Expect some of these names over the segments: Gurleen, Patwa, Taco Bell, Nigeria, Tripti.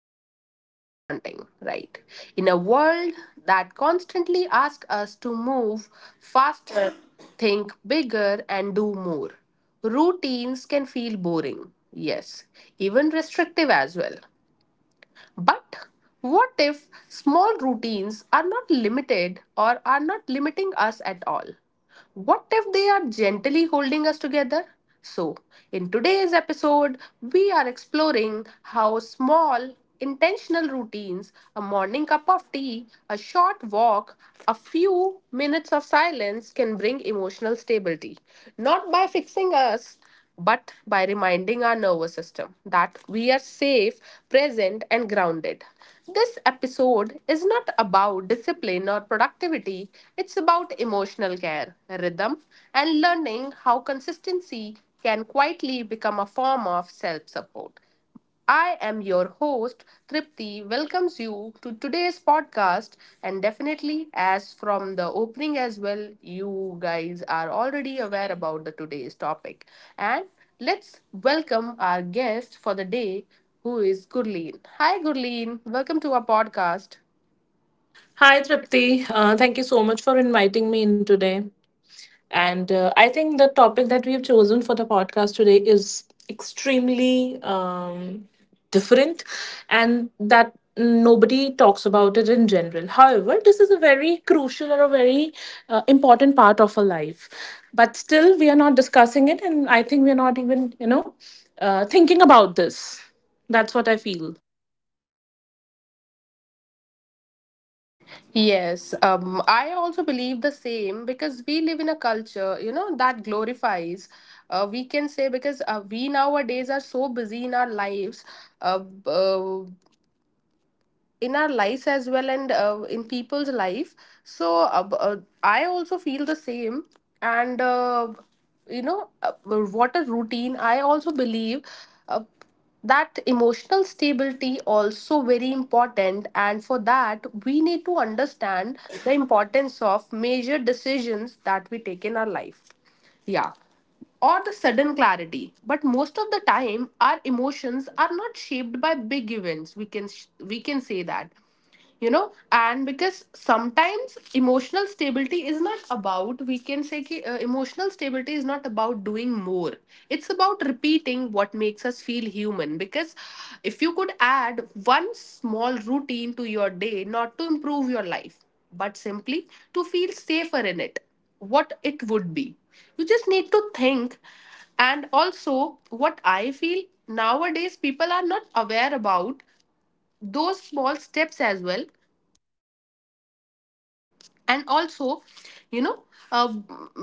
but feel confronting, right? In a world that constantly asks us to move faster, think bigger, and do more, routines can feel boring, yes, even restrictive as well. But what if small routines are not limited or are not limiting us at all? What if they are gently holding us together? So, in today's episode, we are exploring how small, intentional routines a morning cup of tea, a short walk, a few minutes of silence can bring emotional stability. Not by fixing us, but by reminding our nervous system that we are safe, present, and grounded. This episode is not about discipline or productivity, it's about emotional care, rhythm, and learning how consistency can quietly become a form of self support. I am your host, Tripti, welcomes you to today's podcast. And definitely, as from the opening as well, you guys are already aware about the today's topic. And let's welcome our guest for the day, who is Gurleen. Hi, Gurleen. Welcome to our podcast. Hi, Tripti. Thank you so much for inviting me in today. And I think the topic that we've chosen for the podcast today is extremely different and that nobody talks about it in general. However, this is a very crucial or a very important part of our life. But still, we are not discussing it. And I think we're not even, thinking about this. That's what I feel. Yes, I also believe the same because we live in a culture, that glorifies. We can say because we nowadays are so busy in our lives. Uh, b- uh, in our lives as well, and in people's life, so I also feel the same, and what a routine I also believe, uh, that emotional stability also very important, and for that we need to understand the importance of major decisions that we take in our life, yeah. Or the sudden clarity. But most of the time, our emotions are not shaped by big events. We can say that. You know, and because sometimes emotional stability is not about, we can say ki, emotional stability is not about doing more. It's about repeating what makes us feel human. Because if you could add one small routine to your day, not to improve your life, but simply to feel safer in it, what it would be. You just need to think. And also, what I feel nowadays, people are not aware about those small steps as well. And also, you know, uh,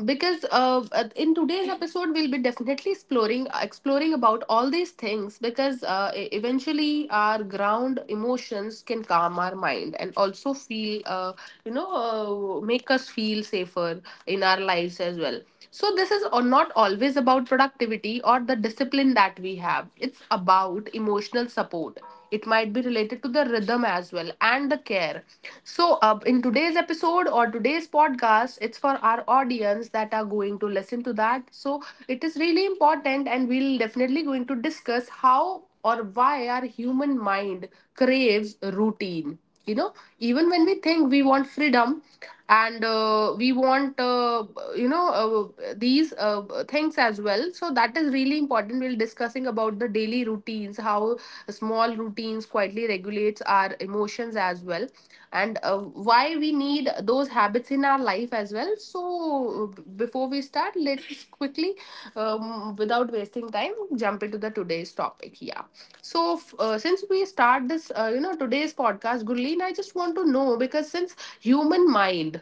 because in today's episode, we'll be definitely exploring about all these things, because eventually our ground emotions can calm our mind and also feel, you know, make us feel safer in our lives as well. So, this is or not always about productivity or the discipline that we have. It's about emotional support. It might be related to the rhythm as well and the care. So, in today's episode or today's podcast, it's for our audience that are going to listen to that. So, it is really important, and we'll definitely going to discuss how or why our human mind craves routine, you know even when we think we want freedom, and we want, you know these things as well. So that is really important, we'll discussing about the daily routines, how small routines quietly regulates our emotions as well, and why we need those habits in our life as well. So, before we start, let's quickly, um, without wasting time, jump into the today's topic. Yeah. So, since we start this, today's podcast, Gurleen, I just want to know, because since human mind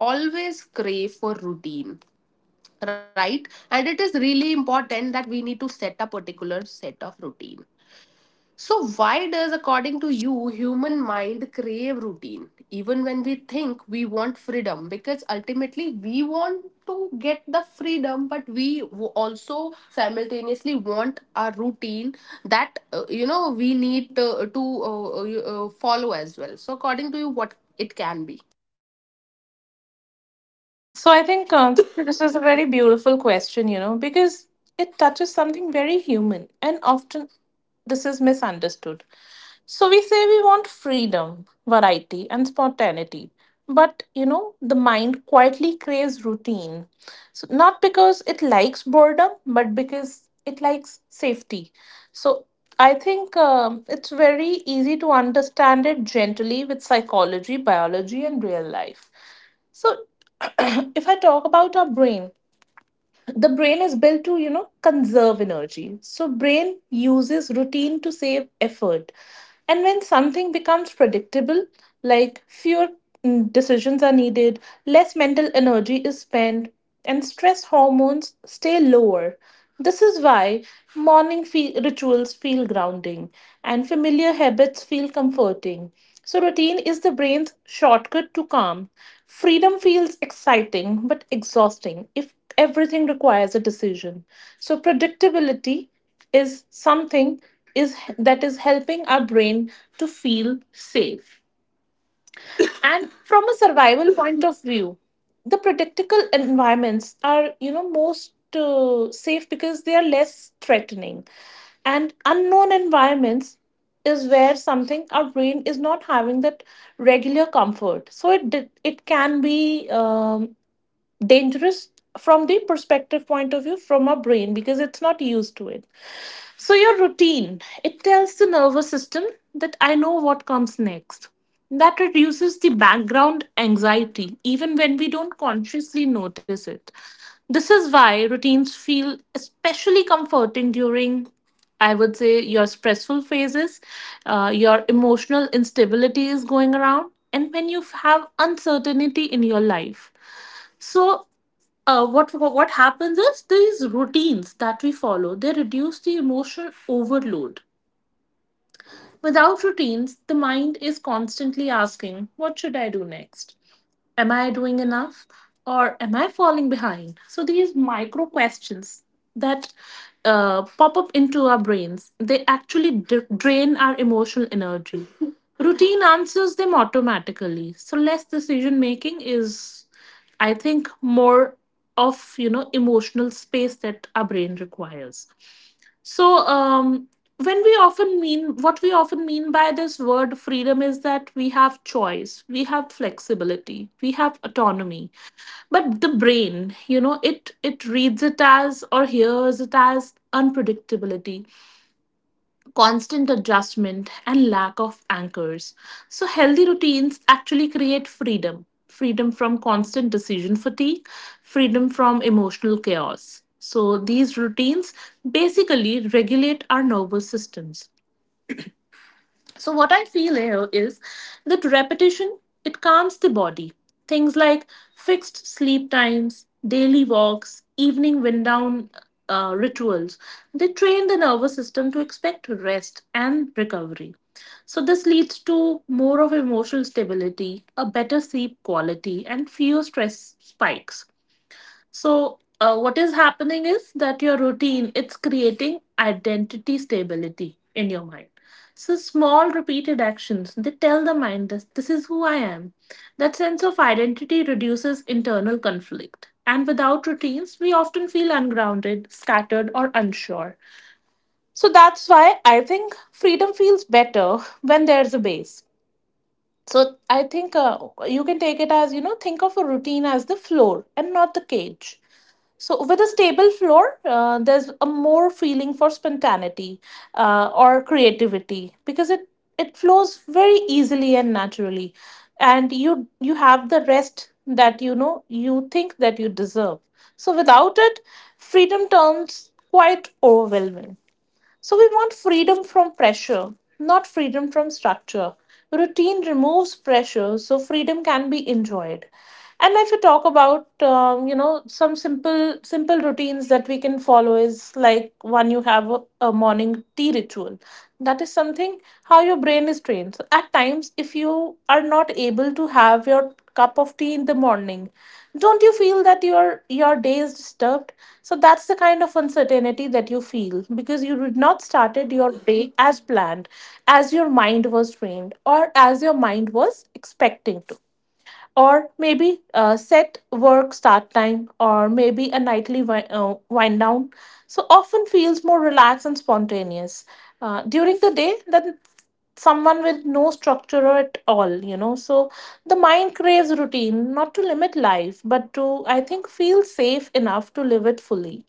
always crave for routine, right, and it is really important that we need to set a particular set of routine, so why does, according to you, human mind crave routine even when we think we want freedom, because ultimately we want to get the freedom, but we also simultaneously want a routine that, we need to, to follow as well. So according to you, what it can be? So I think this is a very beautiful question, you know, because it touches something very human and often this is misunderstood. So we say we want freedom, variety, and spontaneity. But you know, the mind quietly craves routine. So not because it likes boredom, but because it likes safety. So I think it's very easy to understand it gently with psychology, biology, and real life. So, if I talk about our brain, the brain is built to you know conserve energy, so brain uses routine to save effort. And when something becomes predictable, like fewer decisions are needed, less mental energy is spent, and stress hormones stay lower. This is why rituals feel grounding and familiar habits feel comforting. So routine is the brain's shortcut to calm. Freedom feels exciting but exhausting if everything requires a decision. So predictability is something, is that is helping our brain to feel safe. And from a survival point of view, the predictable environments are, you know, most safe because they are less threatening, and unknown environments is where something our brain is not having that regular comfort. So it can be dangerous from the perspective point of view from our brain because it's not used to it. So your routine, it tells the nervous system that I know what comes next. That reduces the background anxiety, even when we don't consciously notice it. This is why routines feel especially comforting during, I would say, your stressful phases, your emotional instability is going around, and when you have uncertainty in your life. So what happens is these routines that we follow, they reduce the emotional overload. Without routines, the mind is constantly asking, "What should I do next? Am I doing enough? Or am I falling behind?" So these micro questions that pop up into our brains, they actually drain our emotional energy. Routine answers them automatically. So less decision making is, I think, more of you know emotional space that our brain requires. so, um, when we often mean, what we often mean by this word freedom is that we have choice, we have flexibility, we have autonomy. But the brain, you know, it reads it as or hears it as unpredictability, constant adjustment, and lack of anchors. So, healthy routines actually create freedom, freedom from constant decision fatigue, freedom from emotional chaos. So, these routines basically regulate our nervous systems. So what I feel here is that repetition, it calms the body. Things like fixed sleep times, daily walks, evening wind down rituals, they train the nervous system to expect rest and recovery. So this leads to more of emotional stability, a better sleep quality, and fewer stress spikes. So, what is happening is that your routine, it's creating identity stability in your mind. So, small repeated actions, they tell the mind this: this is who I am. That sense of identity reduces internal conflict. And without routines, we often feel ungrounded, scattered, or unsure. So that's why I think freedom feels better when there's a base. So I think you can take it as, you know, think of a routine as the floor and not the cage. So, with a stable floor, there's a more feeling for spontaneity or creativity because it flows very easily and naturally, and you have the rest that you know you think that you deserve. So, without it, freedom turns quite overwhelming. So we want freedom from pressure, not freedom from structure. Routine removes pressure, so freedom can be enjoyed. And if you talk about, you know, some simple routines that we can follow is like one, you have a morning tea ritual. That is something how your brain is trained. So at times, if you are not able to have your cup of tea in the morning, don't you feel that your day is disturbed? So that's the kind of uncertainty that you feel because you did not started your day as planned, as your mind was trained or as your mind was expecting to. Or maybe a set work start time, or maybe a nightly wind down, so often feels more relaxed and spontaneous during the day than someone with no structure at all, you know. So the mind craves routine not to limit life but to, I think, feel safe enough to live it fully.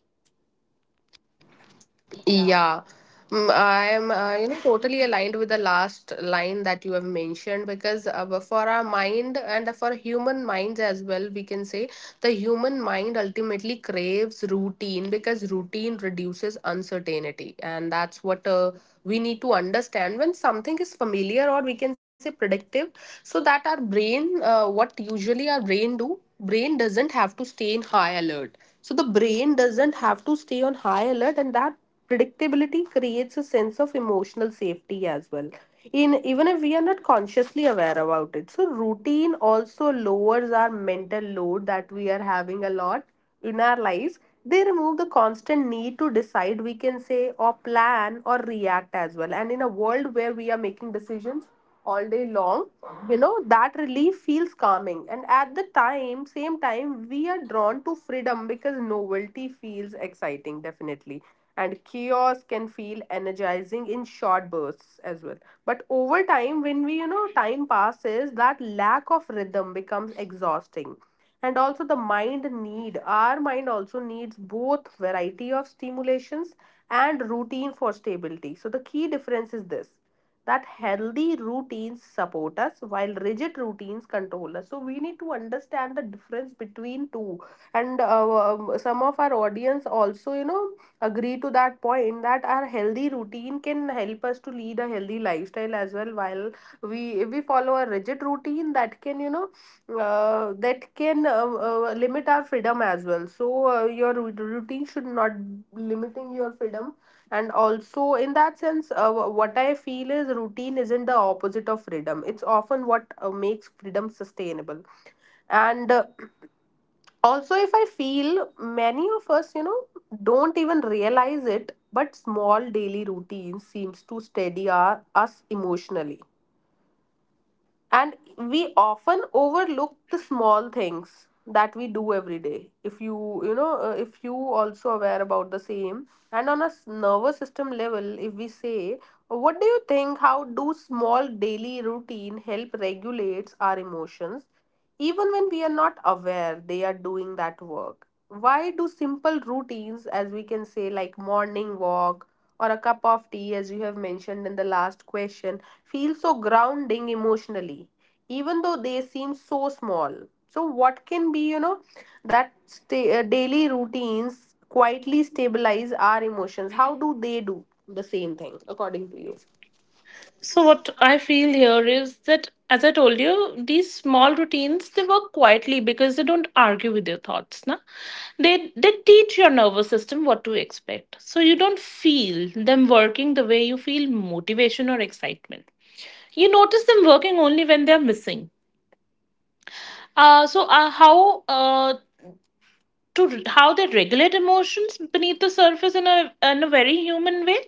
Yeah, mm, I am, totally aligned with the last line that you have mentioned, because for our mind and for human minds as well, we can say the human mind ultimately craves routine because routine reduces uncertainty, and that's what, we need to understand. When something is familiar, or we can say predictive, so that our brain, what usually our brain do, brain doesn't have to stay in high alert, so the brain doesn't have to stay on high alert, and that predictability creates a sense of emotional safety as well, in even if we are not consciously aware about it. So routine also lowers our mental load that we are having a lot in our lives. They remove the constant need to decide, we can say, or plan or react as well, and in a world where we are making decisions all day long, that relief feels calming, and at the time same time we are drawn to freedom because novelty feels exciting definitely, and chaos can feel energizing in short bursts as well. But over time, when we, time passes, that lack of rhythm becomes exhausting. And also, the mind need our mind also needs both variety of stimulations and routine for stability. So the key difference is this, that healthy routines support us while rigid routines control us, so we need to understand the difference between two. And some of our audience also, agree to that point, that our healthy routine can help us to lead a healthy lifestyle as well, while we, if we follow a rigid routine, that can limit our freedom as well. So your routine should not limiting your freedom. And also, in that sense, what I feel is, routine isn't the opposite of freedom. It's often what makes freedom sustainable. And also, if I feel, many of us, don't even realize it, but small daily routines seems to steady us emotionally. And we often overlook the small things that we do every day. If you also aware about the same, and on a nervous system level, if we say, what do you think? How do small daily routine help regulates our emotions, even when we are not aware they are doing that work? Why do simple routines, as we can say, like morning walk or a cup of tea, as you have mentioned in the last question, feel so grounding emotionally, even though they seem so small? So, what can be, that daily routines quietly stabilize our emotions? How do they do the same thing, according to you? So what I feel here is that as I told you, these small routines, they work quietly because they don't argue with your thoughts, na? They teach your nervous system what to expect. So you don't feel them working the way you feel motivation or excitement. You notice them working only when they are missing. So how To how they regulate emotions beneath the surface in a very human way?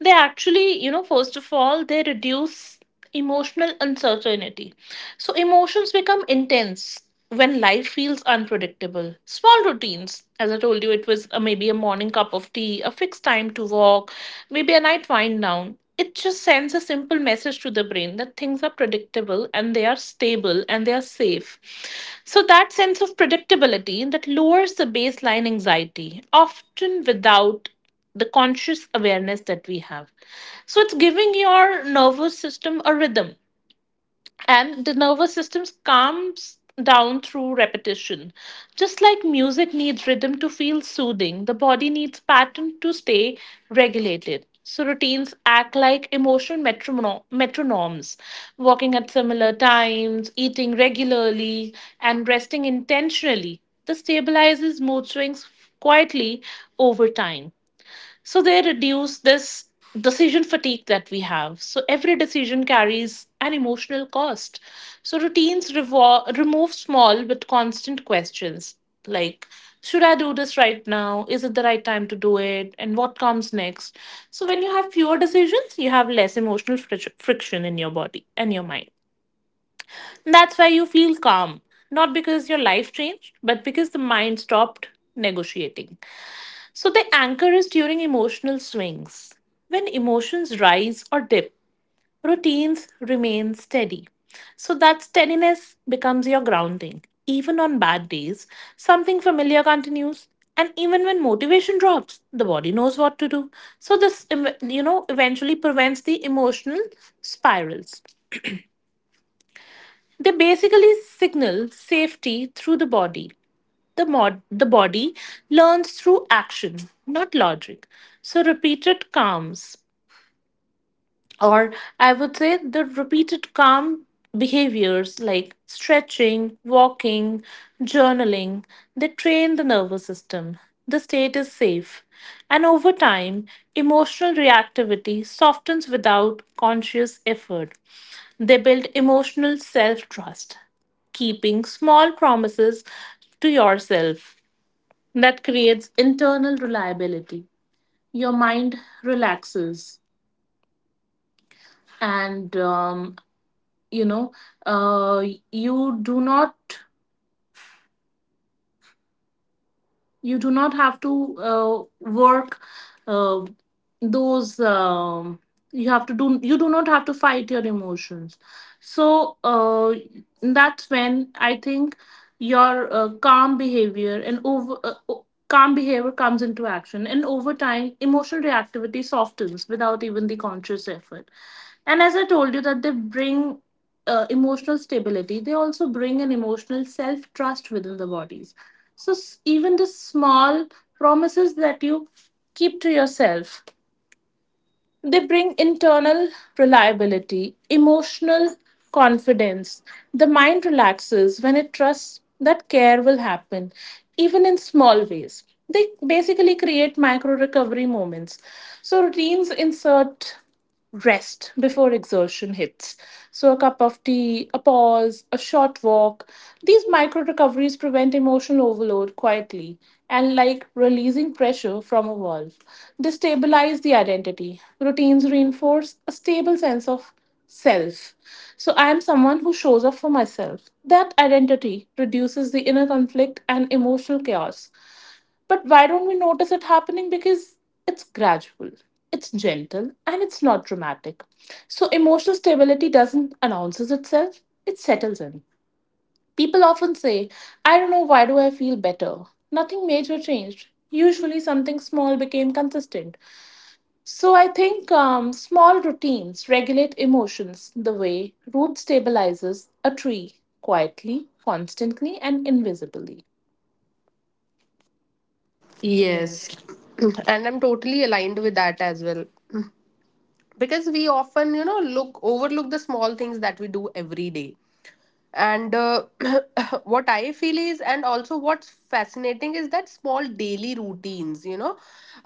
They actually, you know, first of all, they reduce emotional uncertainty. So, emotions become intense when life feels unpredictable. Small routines, as I told you, it was maybe a morning cup of tea, a fixed time to walk, maybe a night wind down. It just sends a simple message to the brain that things are predictable and they are stable and they are safe. So, that sense of predictability that lowers the baseline anxiety, often without the conscious awareness that we have. So it's giving your nervous system a rhythm, and the nervous system calms down through repetition. Just like music needs rhythm to feel soothing, the body needs pattern to stay regulated. So routines act like emotional metronomes, walking at similar times, eating regularly, and resting intentionally. This stabilizes mood swings quietly over time. So they reduce this decision fatigue that we have. So every decision carries an emotional cost. So routines remove small but constant questions like should I do this right now? Is it the right time to do it? And what comes next? So when you have fewer decisions, you have less emotional friction in your body and your mind. That's why you feel calm, not because your life changed, but because the mind stopped negotiating. So the anchor is during emotional swings. When emotions rise or dip, routines remain steady. So that steadiness becomes your grounding. Even on bad days, something familiar continues. And even when motivation drops, the body knows what to do. So this, you know, eventually prevents the emotional spirals. They basically signal safety through the body. The body learns through action, not logic. So, repeated calms, or I would say the repeated calm behaviors like stretching, walking, journaling, they train the nervous system. The state is safe. And over time, emotional reactivity softens without conscious effort. They build emotional self trust, keeping small promises to yourself that creates internal reliability. Your mind relaxes, and you know uh, you do not you do not have to work. Uh, those you do not have to fight your emotions. So that's when I think your calm behavior and calm behavior comes into action, and over time emotional reactivity softens without even the conscious effort. And as I told you that they bring emotional stability, they also bring an emotional self trust within the bodies. So even the small promises that you keep to yourself, they bring internal reliability, emotional confidence. The mind relaxes when it trusts that care will happen, even in small ways. They basically create micro recovery moments. So, routines insert rest before exertion hits. So, a cup of tea, a pause, a short walk. These micro recoveries prevent emotional overload quietly and like releasing pressure from a valve. They stabilize the identity. Routines reinforce a stable sense of self. So, I am someone who shows up for myself. That identity reduces the inner conflict and emotional chaos. But why don't we notice it happening? Because it's gradual, it's gentle, and it's not dramatic. So emotional stability doesn't announces itself, it settles in. People often say, I don't know why do I feel better? Nothing major changed. Usually something small became consistent. So I think small routines regulate emotions the way root stabilizes a tree, quietly, constantly, and invisibly. Yes. Yes. And I'm totally aligned with that as well, because we often, look overlook the small things that we do every day, and what I feel is, and also what's fascinating is, that small daily routines, you know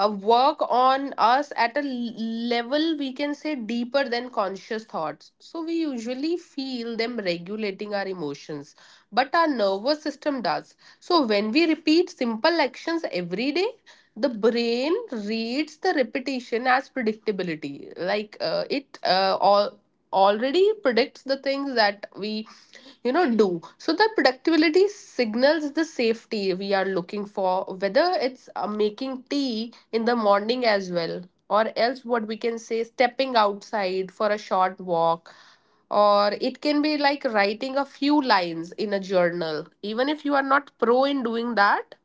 uh, work on us at a level, we can say, deeper than conscious thoughts. So we usually feel them regulating our emotions, but our nervous system does. So when we repeat simple actions every day, the brain reads the repetition as predictability, like it, all already predicts the things that we, do. So that productivity signals the safety we are looking for, whether it's making tea in the morning as well, or else what we can say, stepping outside for a short walk, or it can be like writing a few lines in a journal, even if you are not pro in doing that.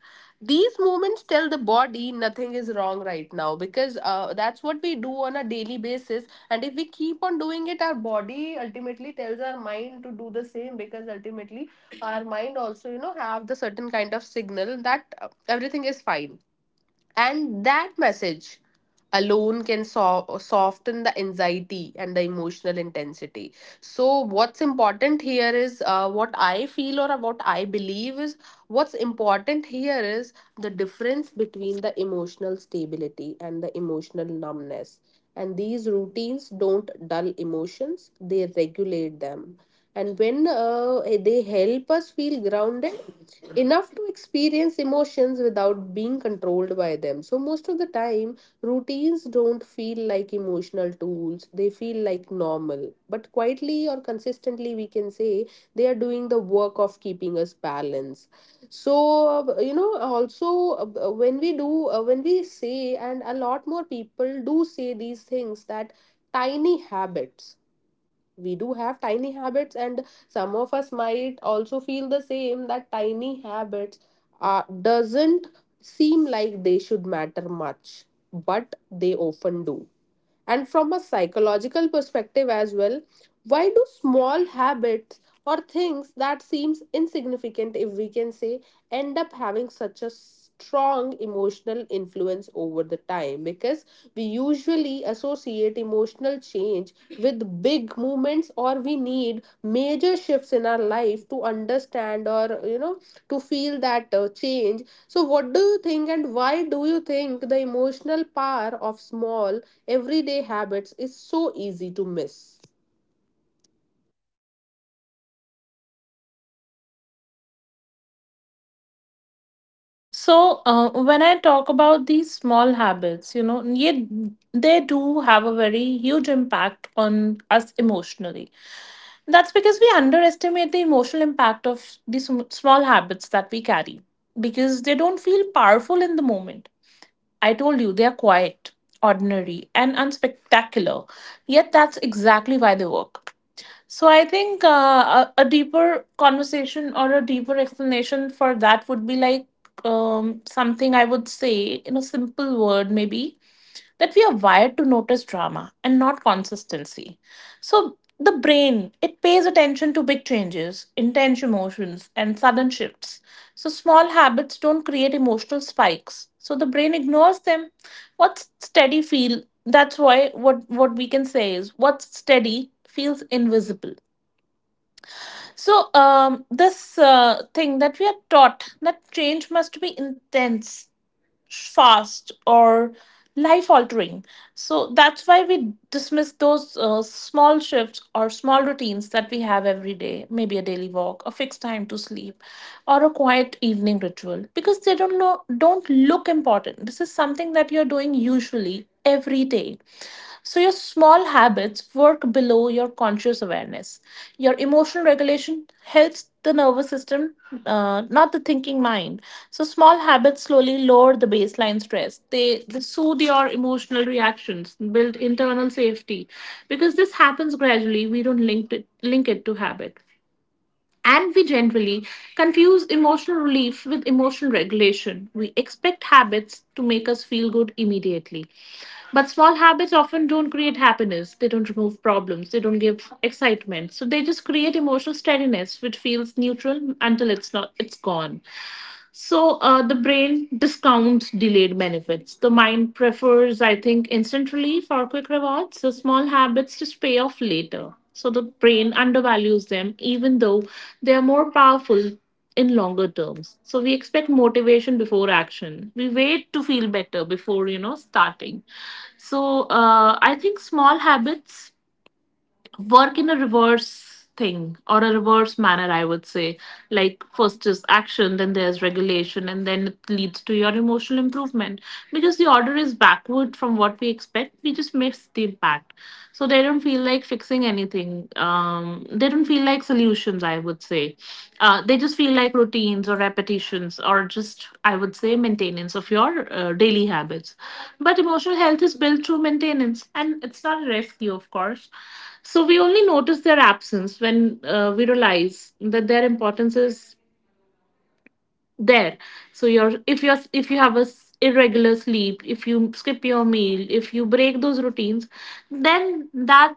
These movements tell the body nothing is wrong right now, because that's what we do on a daily basis. And if we keep on doing it, our body ultimately tells our mind to do the same, because ultimately our mind also, have the certain kind of signal that everything is fine, and that message alone can soften the anxiety and the emotional intensity. So, what's important here is, what I feel or what I believe is, what's important here is the difference between the emotional stability and the emotional numbness. And these routines don't dull emotions, they regulate them. And when they help us feel grounded, enough to experience emotions without being controlled by them. So, most of the time, routines don't feel like emotional tools, they feel like normal. But quietly or consistently, we can say, they are doing the work of keeping us balanced. So, you know, also When we do, when we say, and a lot more people do say these things that tiny habits we do have tiny habits, and some of us might also feel the same that tiny habits doesn't seem like they should matter much, but they often do. And from a psychological perspective as well, why do small habits or things that seems insignificant, if we can say, end up having such a strong emotional influence over the time? Because we usually associate emotional change with big movements, or we need major shifts in our life to understand, or, you know, to feel that change. So what do you think, and why do you think the emotional power of small, everyday habits is so easy to miss? So, when I talk about these small habits, you know, they do have a very huge impact on us emotionally. That's because we underestimate the emotional impact of these small habits that we carry because they don't feel powerful in the moment. I told you they are quiet, ordinary, and unspectacular. Yet, that's exactly why they work. So I think a deeper conversation or a deeper explanation for that would be like something I would say in a simple word, maybe, that we are wired to notice drama and not consistency. So the brain, it pays attention to big changes, intense emotions, and sudden shifts. So small habits don't create emotional spikes. So the brain ignores them. What's steady feel? That's why what we can say is what's steady feels invisible. So, this thing that we are taught, that change must be intense, fast, or life altering. So, that's why we dismiss those small shifts or small routines that we have every day, maybe a daily walk, a fixed time to sleep, or a quiet evening ritual, because they don't, know, don't look important. This is something that you're doing usually every day, so your small habits work below your conscious awareness. Your emotional regulation helps the nervous system, not the thinking mind. So, small habits slowly lower the baseline stress. They soothe your emotional reactions, build internal safety. Because this happens gradually, we don't link it to habit. And we generally confuse emotional relief with emotional regulation. We expect habits to make us feel good immediately. But small habits often don't create happiness. They don't remove problems. They don't give excitement. So they just create emotional steadiness, which feels neutral until it's not it's gone. So the brain discounts delayed benefits. The mind prefers, I think, instant relief or quick rewards. So small habits just pay off later. So the brain undervalues them, even though they are more powerful in longer terms. So we expect motivation before action. We wait to feel better before starting. So I think small habits work in a reverse thing or a reverse manner, I would say. Like, first is action, then there's regulation, and then it leads to your emotional improvement. Because the order is backward from what we expect, we just miss the impact. So they don't feel like fixing anything. They don't feel like solutions, I would say. They just feel like routines or repetitions or just, I would say, maintenance of your daily habits. But emotional health is built through maintenance, and it's not a rescue, of course. So we only notice their absence when we realize that their importance is there. So your— if you're— if you have a irregular sleep, if you skip your meal, if you break those routines, then that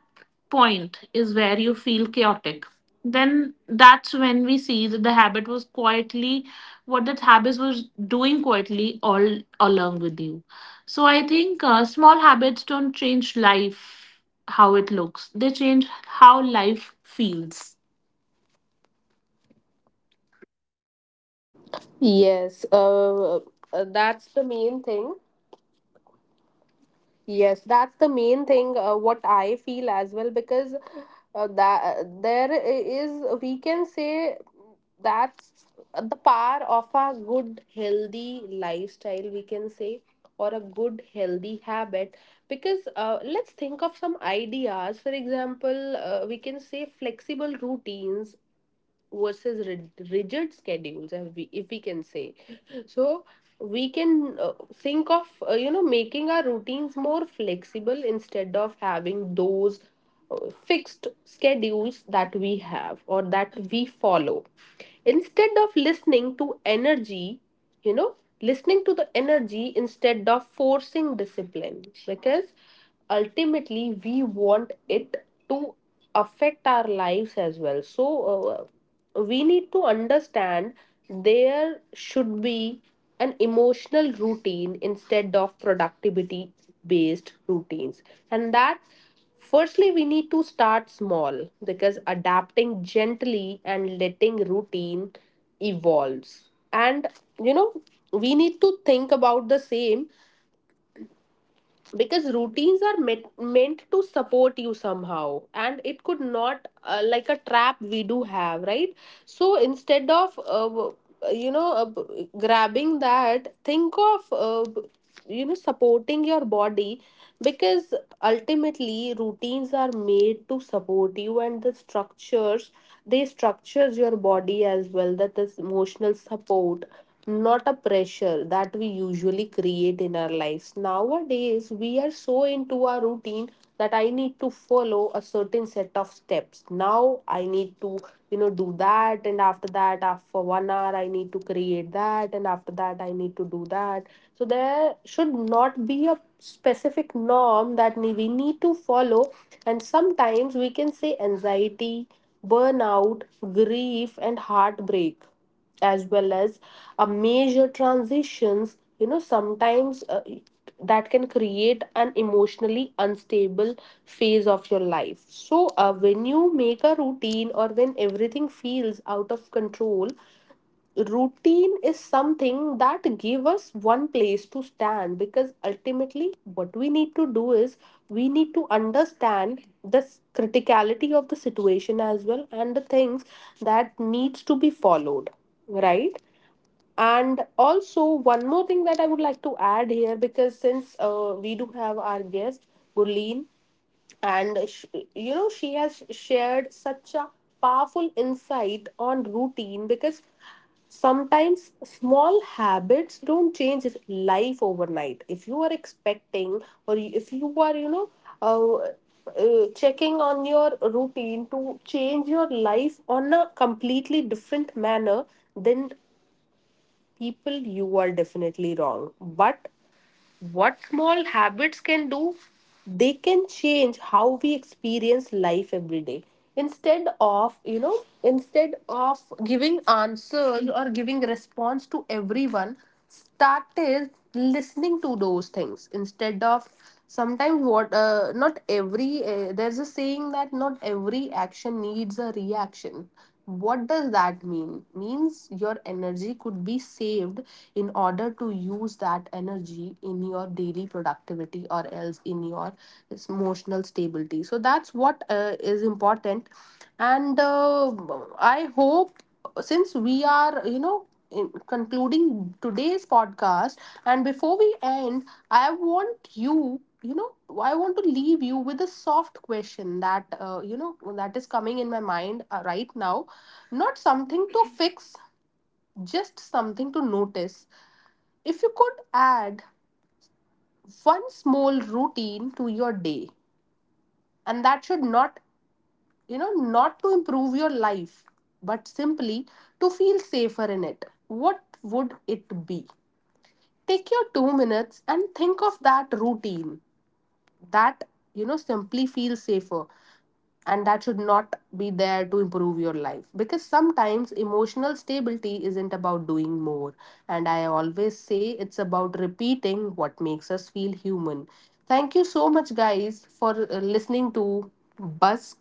point is where you feel chaotic. Then that's when we see that the habit was quietly— what that habit was doing quietly all along with you. So I think small habits don't change life how it looks, they change how life feels. Yes, that's the main thing. Yes, that's the main thing. What I feel as well, because that there is, we can say, that's the power of a good healthy lifestyle, we can say, or a good healthy habit. Because let's think of some ideas. For example, we can say flexible routines versus rigid schedules, if we can say. So we can think of, you know, making our routines more flexible instead of having those uh, fixed schedules that we have or that we follow, instead of listening to energy, you know, listening to the energy instead of forcing discipline. Because ultimately we want it to affect our lives as well. So we need to understand there should be an emotional routine instead of productivity based routines, and that firstly we need to start small, because adapting gently and letting routine evolves, and, you know, we need to think about the same. Because routines are meant to support you somehow, and it could not like a trap we do have, right? So instead of you know, grabbing that, think of, you know, supporting your body. Because ultimately routines are made to support you, and the structures, they structures your body as well, that is emotional support, not a pressure that we usually create in our lives. Nowadays, we are so into our routine that I need to follow a certain set of steps. Now, I need to, you know, do that, and after that, after 1 hour, I need to create that, and after that, I need to do that. So, there should not be a specific norm that we need to follow, and sometimes we can say anxiety, burnout, grief, and heartbreak, as well as a major transitions, you know. Sometimes that can create an emotionally unstable phase of your life. So when you make a routine, or when everything feels out of control, routine is something that give us one place to stand. Because ultimately what we need to do is we need to understand the criticality of the situation as well, and the things that needs to be followed, right? And also one more thing that I would like to add here, because since we do have our guest Gurleen, and sh, you know, she has shared such a powerful insight on routine. Because sometimes small habits don't change life overnight. If you are expecting, or if you are, you know, uh, checking on your routine to change your life on a completely different manner, then people, you are definitely wrong. But what small habits can do, they can change how we experience life every day. Instead of, you know, instead of giving answers or giving response to everyone, started listening to those things. Instead of sometimes what, not every there's a saying that not every action needs a reaction. What does that mean? Means your energy could be saved, in order to use that energy in your daily productivity, or else in your emotional stability. So that's what is important. And I hope, since we are, you know, in concluding today's podcast, and before we end, I want you, you know, I want to leave you with a soft question that, you know, that is coming in my mind right now. Not something to fix, just something to notice. If you could add one small routine to your day, and that should not, you know, not to improve your life, but simply to feel safer in it, what would it be? Take your 2 minutes and think of that routine that, you know, simply feels safer, and that should not be there to improve your life. Because sometimes emotional stability isn't about doing more. And I always say it's about repeating what makes us feel human. Thank you so much, guys, for listening to Buzz,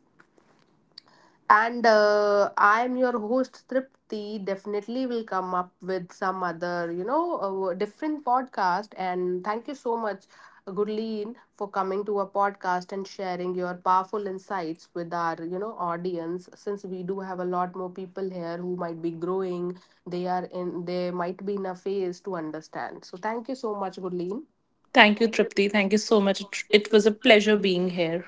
and I am your host, Tripti. Definitely will come up with some other, you know, different podcast. And thank you so much, Gurleen, for coming to our podcast and sharing your powerful insights with our, you know, audience. Since we do have a lot more people here who might be growing, they are in, they might be in a phase to understand. So thank you so much, Gurleen. Thank you, Tripti, thank you so much. It was a pleasure being here.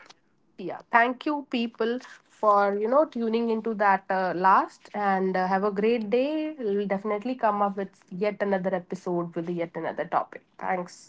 Yeah, thank you, people, for, you know, tuning into that last, and have a great day. We'll definitely come up with yet another episode with yet another topic. Thanks.